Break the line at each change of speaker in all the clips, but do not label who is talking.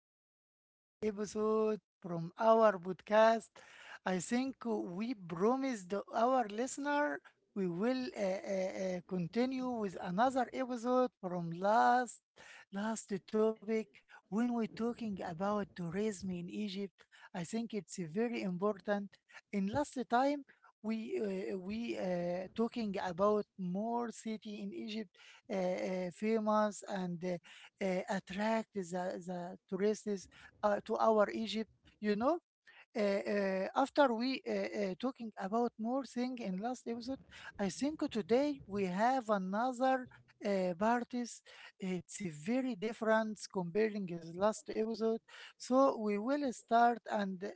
to another episode from our podcast. I think we promised our listener we will continue with another episode from last topic when we're talking about tourism in Egypt. I think it's very important. In last time we we talking about more city in Egypt famous and attract the tourists to our Egypt. You know, After we talking about more thing in last episode, I think today we have another parties. It's very different comparing his last episode. So we will start and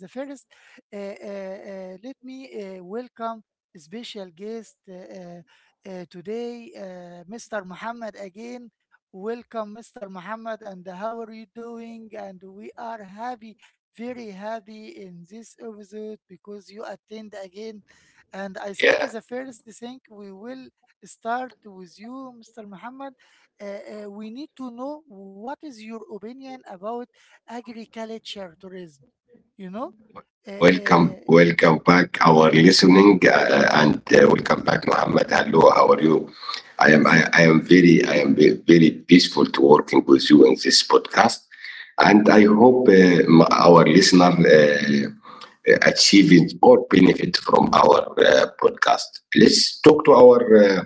the first. Let me welcome special guest today, Mr. Muhammad again. Welcome, Mr. Muhammad, and how are you doing? And we are happy very happy in this episode because you attend again. And I think
Yeah.
the first thing we will start with you, Mr. Muhammad. Uh, we need to know what is your opinion about agriculture tourism, you know? Uh, uh,
Welcome, welcome back, our listening, and
yes,
welcome back, Muhammad. Hello, how are you?
thank
I
you.
am very, I am ve- very peaceful to working with you in this podcast, and I
Thank you.
hope our listener achieving or benefit from our podcast. Let's talk to our uh,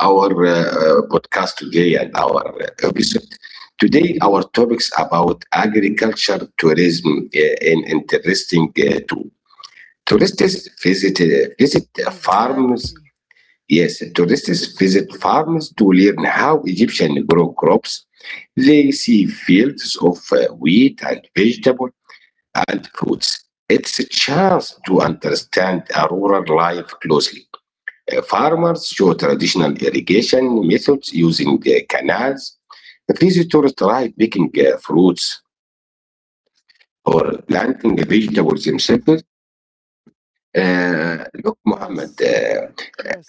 our uh, uh, podcast today and our episode. Today, our topics about agriculture tourism and interesting too. Tourists visit farms.
Exactly.
Yes, tourists visit farms to learn how Egyptians grow crops. They see fields of wheat and vegetable and fruits. It's a chance to understand a rural life closely. Farmers show traditional irrigation methods using canals. Visitors try picking fruits or planting vegetables themselves. Look, Muhammad,
Yes.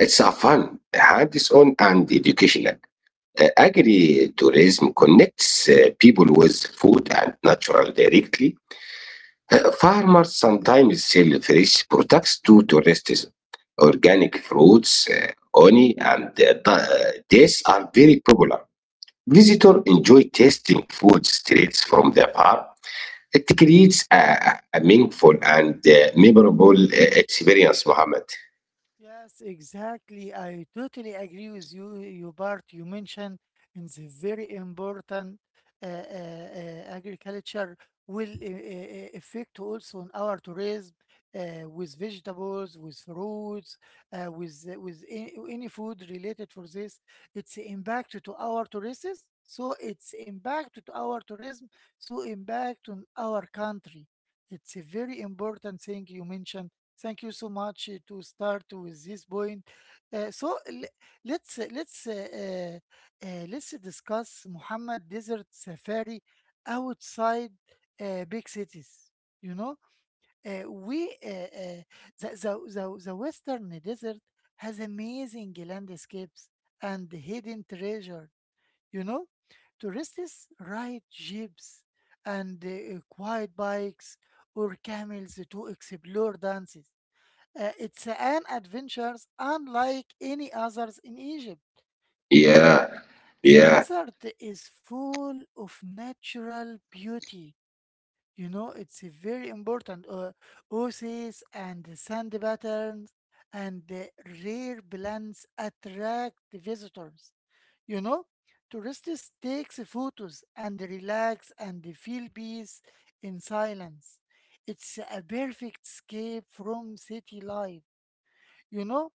it's a fun, hands on, and educational. Agri tourism connects people with food and natural directly. Farmers sometimes sell fresh products to tourists. Organic fruits, honey, and these are very popular. Visitors enjoy tasting food straight from the farm. It creates a meaningful and memorable experience, Mohammed.
Yes, exactly. I totally agree with you, you Bart. You mentioned in the very important uh, uh, uh, agriculture will affect also on our tourism with vegetables, with fruits, with any food related for this. It's impact to our tourists, so it's impact to our tourism, so impact on our country. It's a very important thing you mentioned. Thank you so much to start with this point. So le- let's uh, let's uh, uh, let's discuss Muhammad Desert Safari outside big cities. You know, we the Western desert has amazing landscapes and hidden treasure. You know, tourists ride jeeps and quiet bikes or camels to explore dances. Uh, it's an adventure unlike any others in Egypt. You know,
Yeah,
the
yeah.
desert is full of natural beauty. You know, it's a very important. Oases and sand patterns and rare plants attract visitors. You know, tourists take photos and relax and feel peace in silence. It's a perfect escape from city life. You know,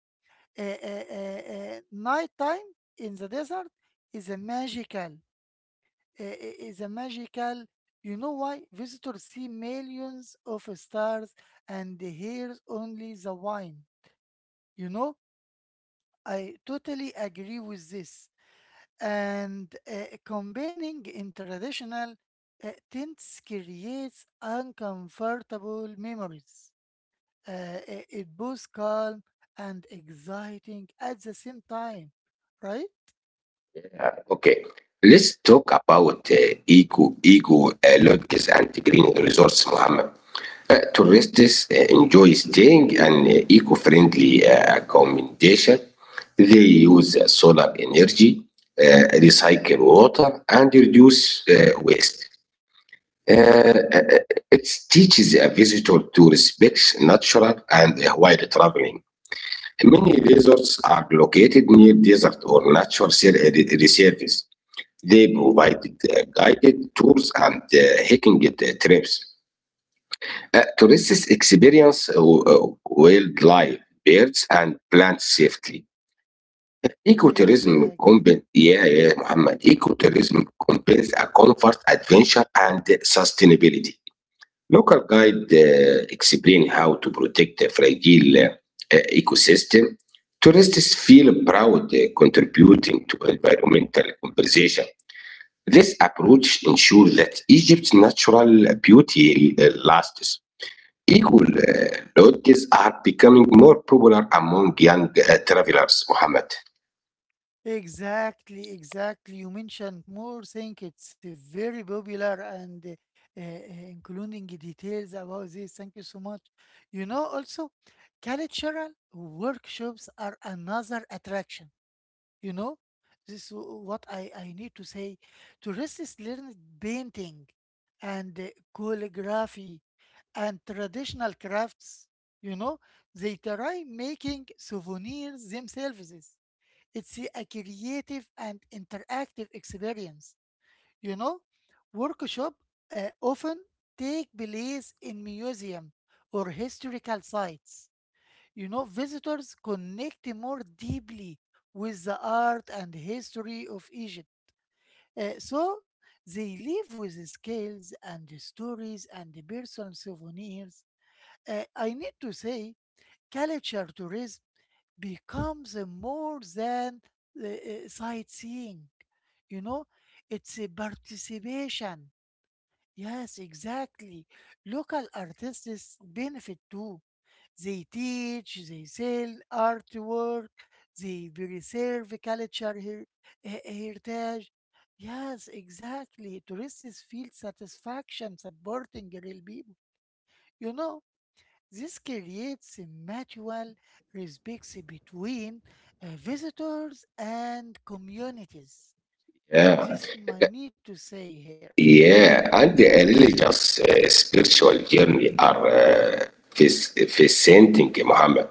uh, uh, uh, night time in the desert is a magical is a magical. You know why? Visitors see millions of stars and hears only the wine, you know. I totally agree with this. And combining in traditional tents creates uncomfortable memories. uh, it both calm and exciting at the same time, right?
Okay, let's talk about eco lodges and green resorts, Mohammed. Tourists enjoy staying in eco-friendly accommodation. They use solar energy, recycle water, and reduce waste. Uh, uh, it teaches a visitor to respect natural and wild traveling. Many resorts are located near desert or natural reserves. They provide guided tours and hiking trips. Tourists experience wildlife, birds, and plants safely.
Exactly,
Yeah, yeah, Muhammad. Ecotourism combines a comfort, adventure, and sustainability. Local guide explain how to protect a fragile ecosystem. Tourists feel proud contributing to environmental conservation. This approach ensures that Egypt's natural beauty lasts. Equal lodges are becoming more popular among young travelers, Mohammed.
exactly, exactly. You mentioned more thing. It's very popular and including details about this. Thank you so much. You know, also cultural workshops are another attraction. You know, this is what I need to say. Tourists learn painting and calligraphy and traditional crafts. You know, they try making souvenirs themselves. It's a creative and interactive experience. You know, workshop often take place in museum or historical sites. You know, visitors connect more deeply with the art and history of Egypt. So they live with scales and stories and personal souvenirs. I need to say, culture tourism becomes more than sightseeing. You know, it's a participation. Yes, exactly. Local artists benefit too. They teach, they sell artwork, they preserve culture heritage. Yes, exactly. Tourists feel satisfaction supporting real people. You know, this creates a mutual respect between visitors and communities. This might need to say here.
Yeah, and the religious spiritual journey are fascinating, Muhammad.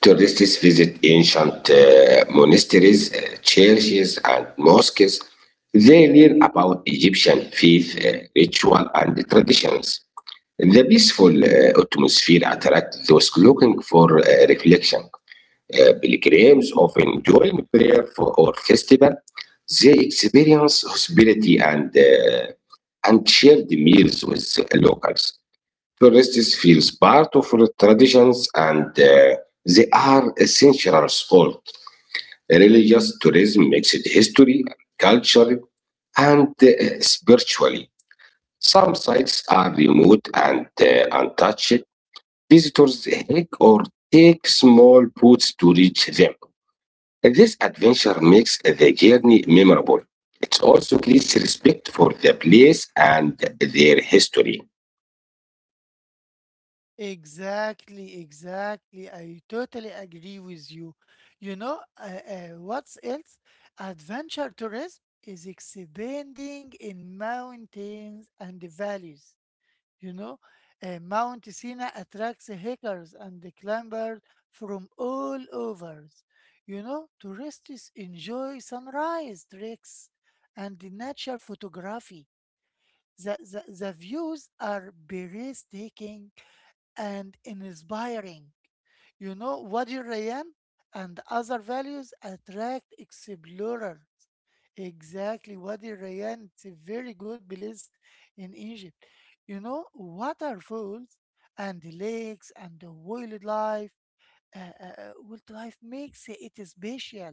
Tourists visit ancient monasteries, churches, and mosques. They learn about Egyptian faith, ritual, and traditions. The peaceful atmosphere attracts those looking for reflection. Pilgrims often join prayer for or festival. They experience hospitality and and shared meals with locals. Tourists feels part of our traditions and they are essential sport. Religious tourism mixed history, culture, and spiritually. Some sites are remote and untouched. Visitors hike or take small boats to reach them. This adventure makes the journey memorable. It also creates respect for the place and their history.
Exactly, exactly. I totally agree with you. What's else? Adventure tourism is expanding in mountains and the valleys. You know, Mount Sinai attracts hikers and the climbers from all over. You know, tourists enjoy sunrise treks and the nature photography. The, the views are breathtaking and inspiring. You know what, your Ryan? And other values attract explorers. Exactly Wadi Ryan? It's a very good place in Egypt. You know, waterfalls and lakes and the wildlife. Wildlife makes it special.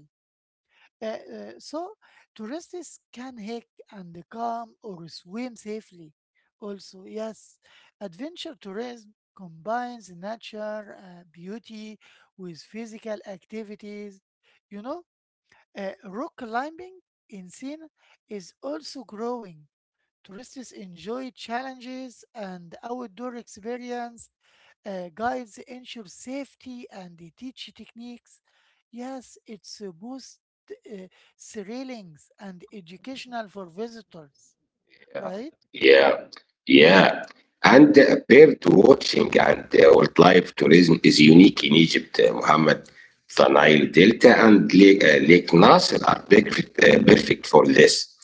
So tourists can hike and come or swim safely. Also, yes, adventure tourism combines nature beauty with physical activities. You know, rock climbing in Sina is also growing. Tourists enjoy challenges and outdoor experience. Guides ensure safety and they teach techniques. Yes, it's both uh, thrilling and educational for visitors, right?
Yeah, yeah. And bird watching and wildlife tourism is unique in Egypt, Mohammed. The Nile Delta and Lake Nasser are perfect for this.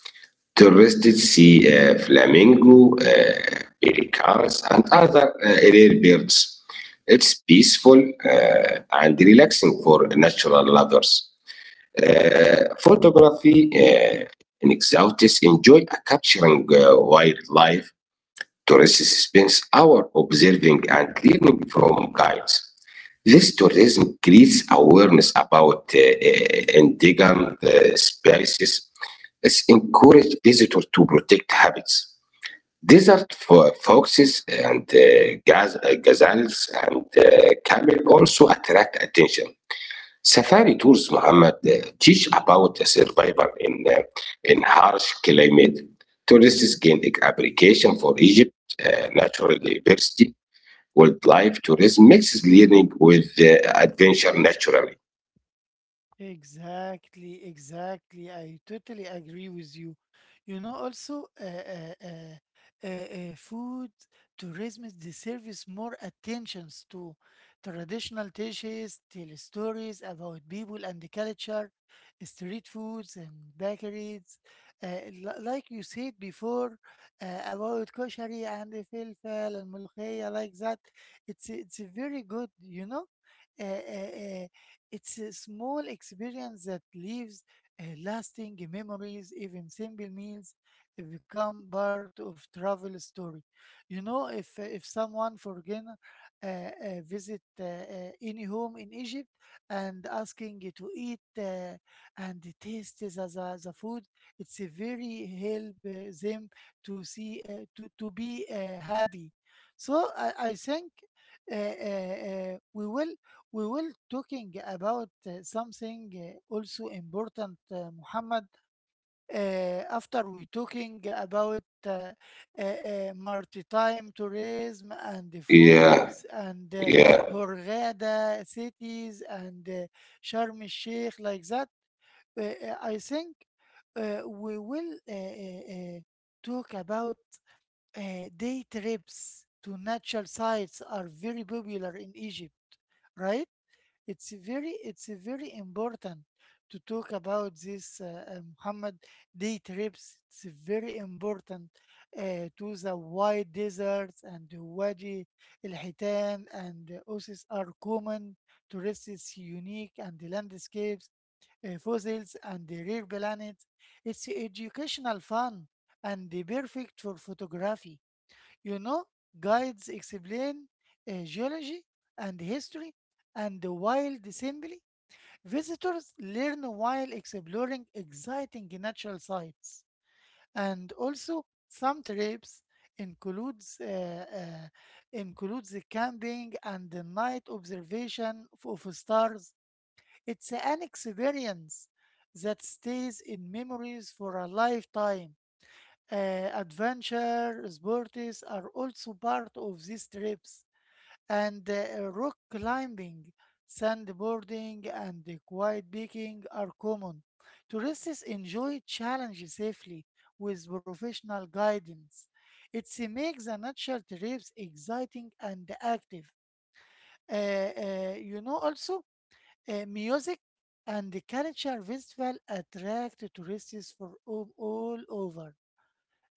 Tourists see flamingo, pelicans, and other rare birds. It's peaceful and relaxing for natural lovers. Photography in exotics enjoy capturing wildlife. Tourists spend hours observing and learning from guides. This tourism creates awareness about endangered species. It encourages visitors to protect habits. Desert foxes and gazelles and camel also attract attention. Safari tours, Muhammad, teach about the survival in harsh climate. Tourists gain appreciation for Egypt, natural diversity, wildlife tourism mixes learning with adventure naturally.
Exactly, exactly. I totally agree with you. You know, also, uh, uh, uh, uh, Food tourism deserves more attentions to traditional dishes, tell stories about people and the culture, street foods and bakeries. Like you said before, about koshari and the falafel and molokhia, like that. It's very good, you know. Uh, uh, it's a small experience that leaves lasting memories. Even simple meals become part of travel story. You know, if someone for dinner visit any home in Egypt and asking you to eat and taste the food, it's a very help them to see to be happy. So I think uh, uh, uh, we will we will talking about something also important, Muhammad. After we talking about maritime tourism and the
Yeah,
foods and
yeah,
Hurghada cities and Sharm el Sheikh like that, I think we will talk about uh, day trips to natural sites are very popular in Egypt, right? It's very important to talk about this, Muhammad. Day trips. It's very important to the white deserts and the Wadi El Hitan and the oases are common. Tourists unique and the landscapes, fossils and the rare planets. It's educational fun and the perfect for photography. You know, guides explain geology and history, and while assembly. Visitors learn while exploring exciting natural sites. And also, some trips includes uh, uh, includes the camping and the night observation of stars. It's an experience that stays in memories for a lifetime. uh, Adventure sports are also part of these trips, and rock climbing, sandboarding, and quiet biking are common. Tourists enjoy challenges safely with professional guidance. It makes the natural trips exciting and active. Uh, uh, you know, also, Music and the culture festival attract tourists from all over.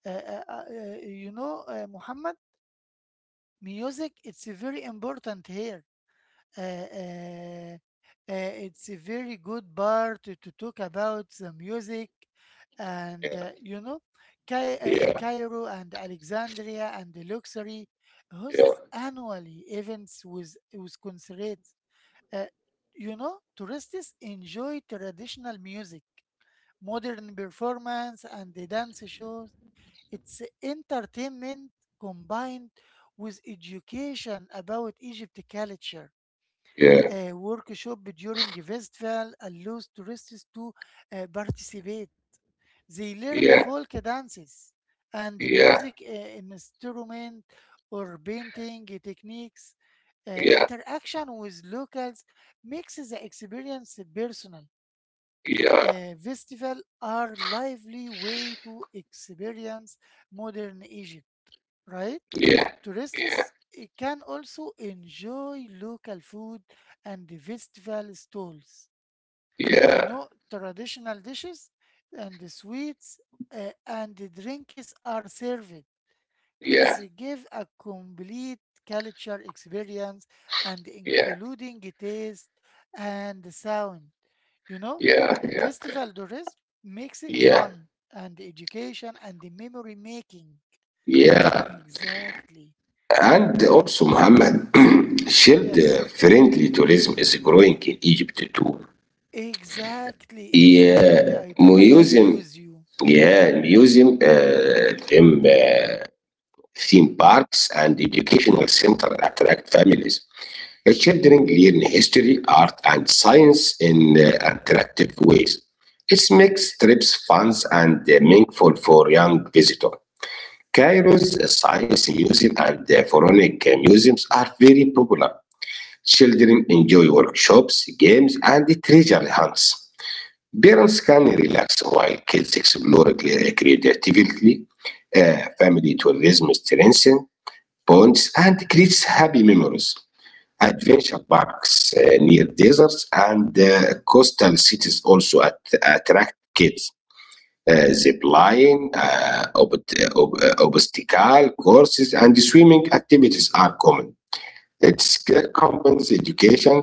Muhammad, music it's very important here. Uh, uh, uh, it's a very good part to talk about the music, and
yeah,
you know, in
yeah,
Cairo and Alexandria and Luxury
yeah,
hosts annually events with concerts. Uh, you know, tourists enjoy traditional music, modern performance, and the dance shows. It's entertainment combined with education about Egypt culture.
yeah,
A workshop during a festival allows tourists to participate. They learn
yeah,
folk dances and the
yeah,
music instrument or painting techniques.
yeah, yeah, yeah,
Interaction with locals makes the experience personal.
yeah,
Festival are lively way to experience modern Egypt, right?
yeah, yeah,
Tourists eh, can also enjoy local food and the festival stalls. You know, traditional dishes and the sweets eh, and the drinks are served. It's eh, give a complete culture experience and
yeah,
including the taste and the sound. You know,
yeah,
festival tourism makes it
yeah,
fun and education and the memory making.
yeah, yeah.
Exactly.
And
Yes.
also, Muhammad, shared
Yes.
friendly tourism is growing in Egypt too.
Exactly, exactly.
Yeah,
I totally agree
museum,
with you.
yeah, theme parks and educational center attract families. The children learn history, art, and science in attractive ways. It makes trips fun and meaningful for young visitors. Cairo's Science Museum and the Pharaonic Museums are very popular. Children enjoy workshops, games, and treasure hunts. Parents can relax while kids explore creatively. Family tourism strengthens bonds and creates happy memories. Adventure parks near deserts and coastal cities also attract kids. Zip line, obstacle courses, and swimming activities are common. It combines education,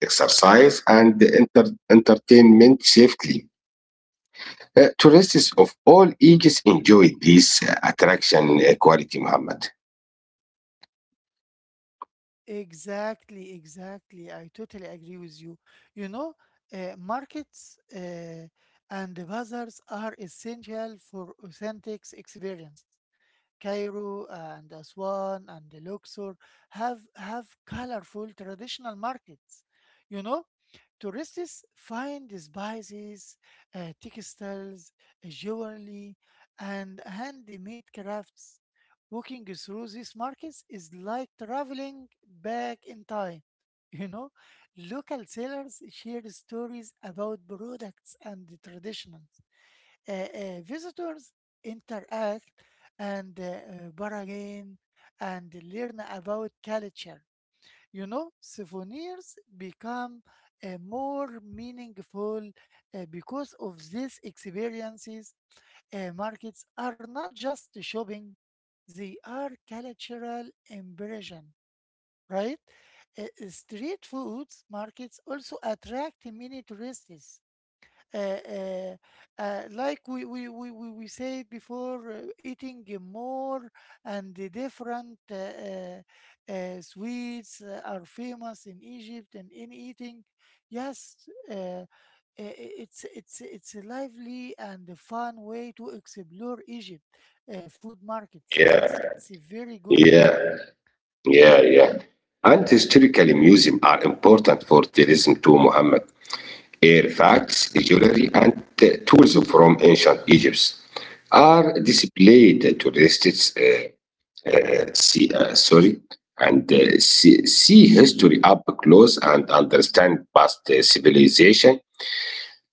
exercise, and entertainment safely. Tourists of all ages enjoy this attraction quality, Muhammad.
Exactly, exactly. I totally agree with you. You know, markets and the bazaars are essential for authentic experiences. Cairo and Aswan and the Luxor have colorful traditional markets. You know, tourists find spices, textiles, jewelry, and handmade crafts. Walking through these markets is like traveling back in time. You know, local sellers share stories about products and the traditions. Uh, Visitors interact and bargain and learn about culture. You know, souvenirs become more meaningful because of these experiences. Markets are not just shopping, they are cultural immersion, right? Street foods markets also attract many tourists. uh, uh, like we said before, eating more and the different sweets are famous in Egypt and in eating. Yes, uh, i- it's it's a lively and a fun way to explore Egypt food markets.
Yeah,
Yes, it's a very good.
yeah, yeah, yeah. And historically, museums are important for tourism too, Muhammad. Artifacts, jewelry, and tools from ancient Egypt are displayed to tourists. See Sorry, and see history up close and understand past civilization.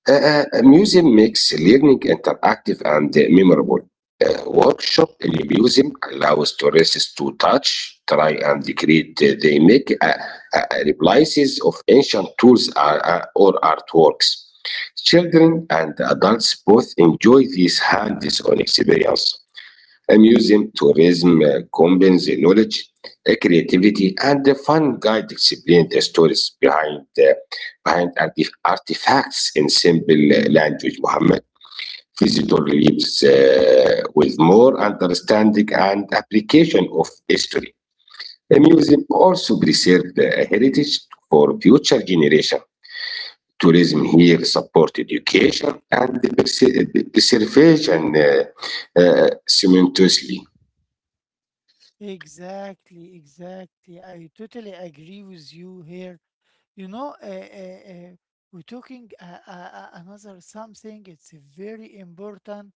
Museum makes learning interactive and memorable. Workshop in a museum allows tourists to touch, try, and create. They make replies of ancient tools or artworks. Children and adults both enjoy this hands-on experience. A museum tourism combines the knowledge, creativity, and the fun guide explain the stories behind artifacts in simple language. Muhammad visitor leaves with more understanding and application of history. The museum also preserves the heritage for future generation. Tourism here support education and the the preservation simultaneously.
Exactly, exactly. I totally agree with you here. You know, uh, uh, uh, we're talking another something. It's very important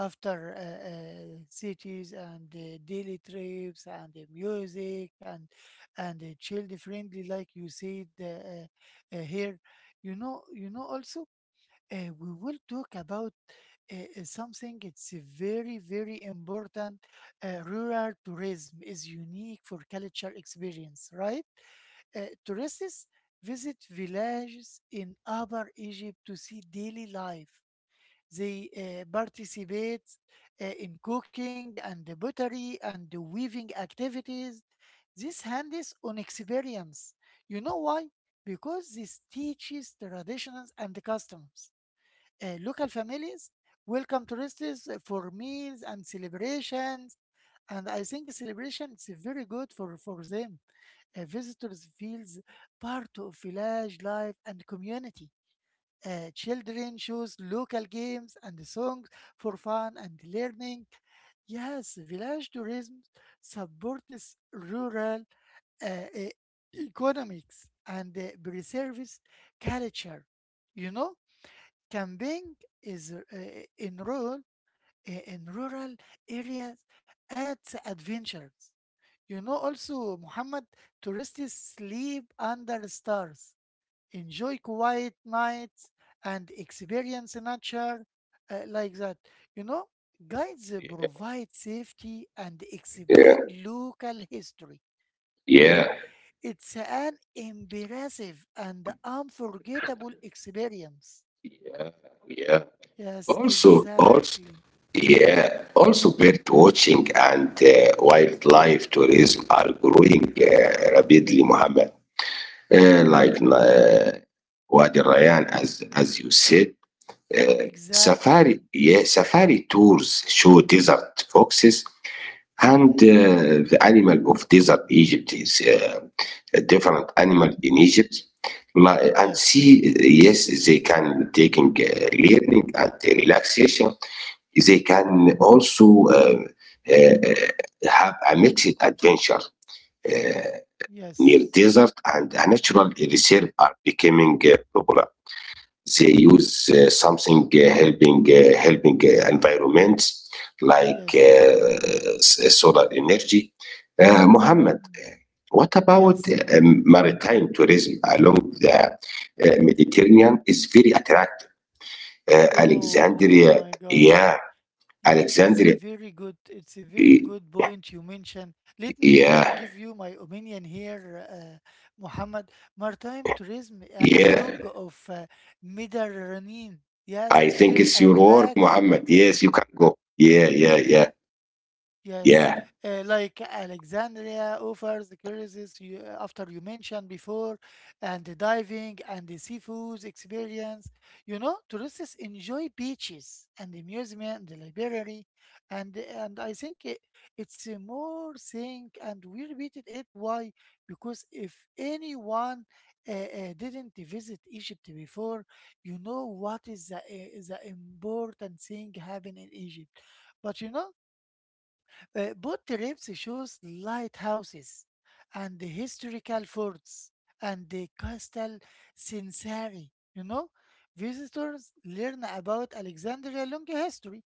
after cities and daily trips and the music and child friendly, like you said here. You know, you know. Also, we will talk about something. It's very very important. Rural tourism is unique for culture experience, right? Tourists visit villages in Upper Egypt to see daily life. They participate in cooking and pottery and weaving activities. This hands on experience. You know why? Because this teaches traditions and customs. Local families welcome tourists for meals and celebrations, and I think celebration is very good for them. Visitors feels part of village life and community. Children choose local games and songs for fun and learning. Yes, village tourism supports rural uh, e- economics and preserves culture. You know, camping is in rural in rural areas adds adventures. You know also, Muhammad, tourists sleep under stars, enjoy quiet nights, and experience nature like that. You know, guides provide safety and explain local history.
Yeah,
Okay, it's an impressive and unforgettable experience.
yeah, yeah.
Yes,
Also, also,
exactly,
yeah. Also, bird watching and wildlife tourism are growing rapidly, Mohammed. Like Wadi Rayan, as you said,
exactly.
safari. Yeah, safari tours show desert foxes. And
Mm-hmm.
uh, the animal of desert Egypt is a different animal in Egypt. And see,
Yes,
yes, they can taking learning and relaxation. They can also have a mixed adventure near
yes,
desert and a natural reserve are becoming popular. They use something helping environment like
yes.
solar energy. Mohammed,
Mm.
what about
Yes, yes.
maritime tourism along the Mediterranean is very attractive.
Oh, oh
Alexandria,
my God.
yeah,
Yes, it's a
Alexandria,
very good, it's a very
y-
good point you mentioned. Let me
yeah,
give you my opinion here, Muhammad. Maritime tourism along
yeah.
of Mediterranean, yes,
I
is
think
very
it's your work,
attractive.
Mohammed. Yes, you can go. Yeah, yeah, yeah,
Yes,
yeah.
like Alexandria offers the cruises you, after you mentioned before, and the diving and the seafood experience. You know, tourists enjoy beaches and the museum and the library, and I think it's a more thing, and we repeated it. Why? Because if anyone didn't visit Egypt before, you know what is the important thing happen in Egypt, but you know. Boat trips shows lighthouses and the historical forts and the castle Sinsari. You know, visitors learn about Alexandria long history.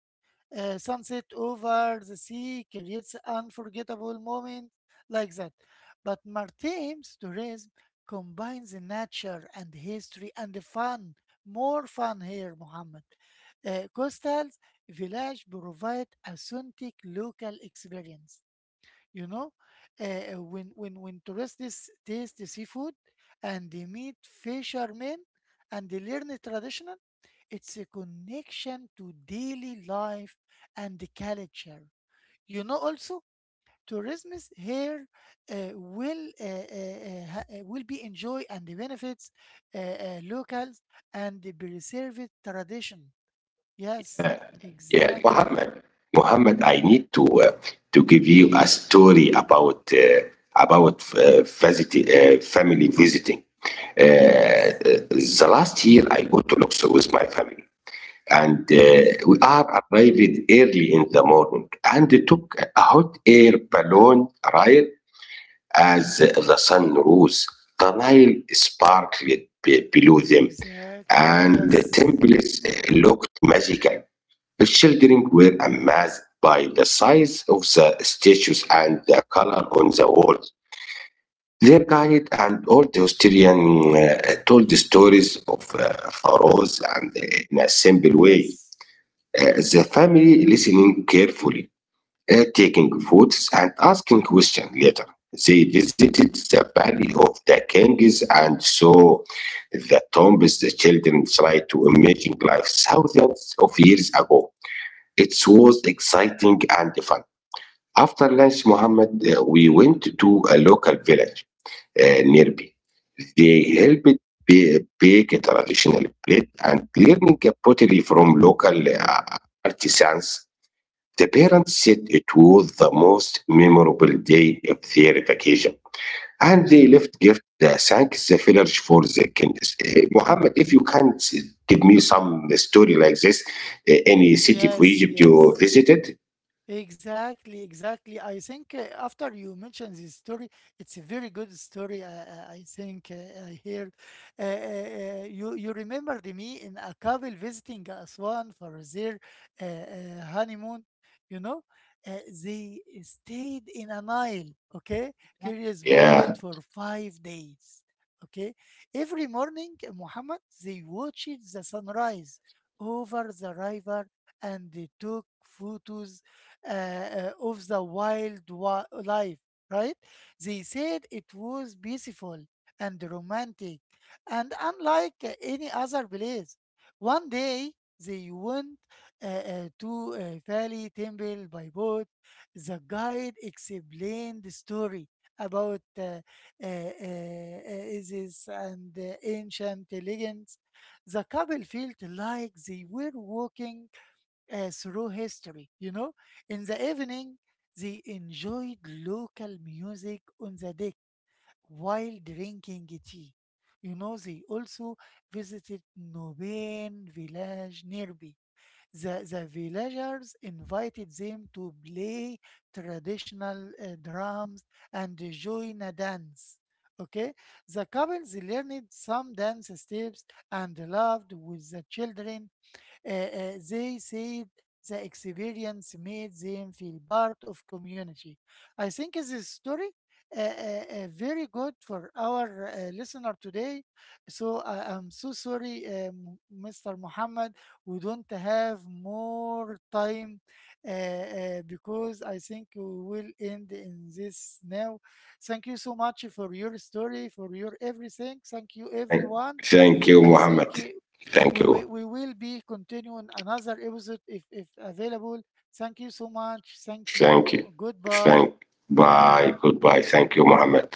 Sunset over the sea creates unforgettable moments like that. But Martine's tourism combines the nature and history and the fun. More fun here, Mohammed. Coastal village provide authentic local experience, you know, when when tourists this taste the seafood and they meet fishermen and they learn the traditional. It's a connection to daily life and the culture, you know. Also tourism is here will will be enjoy and the benefits locals and the preserved tradition, yes,
Uh, Yeah,
exactly.
Mohammed. Mohammed, I need to give you a story about family visiting. Uh,
Yes,
uh, the last year, I go to Luxor with my family, and
yes,
we are arrived early in the morning, and took a hot air balloon ride as the sun rose. The Nile sparkled below them,
exactly,
and the
yes.
temples looked magical. The Children were amazed by the size of the statues and the color on the walls. Their guide and old historian told the stories of pharaohs and in a simple way.
Yes.
Uh,
Yes.
the family listening carefully, taking photos and asking questions later. They visited
Hmm.
the valley of the kings and saw the tombs. The children tried to imagine life thousands of years ago. It was exciting and fun. After lunch, Muhammad, we went to a local village nearby. They helped bake a traditional bread and learning a pottery from local artisans. The parents said it was the most memorable day of their vacation. And they left gift the thanks the village for the kindness. Mohammed, if you can give me some story like this, any city for
Yes.
Egypt you
Yes.
visited?
Exactly. I think after you mentioned this story, it's a very good story. I think I heard. You you remembered me in a couple visiting Aswan for their honeymoon. You know, uh, they stayed in an isle. Okay, curious boat
Yeah.
for five days. Okay, every morning, Muhammad, they watched the sunrise over the river and they took photos of the life, right? They said it was beautiful and romantic and unlike any other place. One day they went to a valley temple by boat. The guide explained the story about uh, uh, Isis and ancient legends. The couple felt like they were walking through history, you know. In the evening, they enjoyed local music on the deck while drinking tea. You know, they also visited Noben village nearby. The villagers invited them to play traditional drums and join a dance. Okay, the couples learned some dance steps and laughed with the children they said the experience made them feel part of community. I think this story very good for our listener today. So I am so sorry, Mr. Muhammad, we don't have more time because I think we will end in this now. Thank you so much for your story, for your everything. Thank you,
Thank
everyone.
Thank you,
I think
Muhammad. Thank you.
we will be continuing another episode if available. Thank you so much. Thank
Thank you.
you.
Thank.
Goodbye.
Bye. Goodbye. Thank you, Muhammad.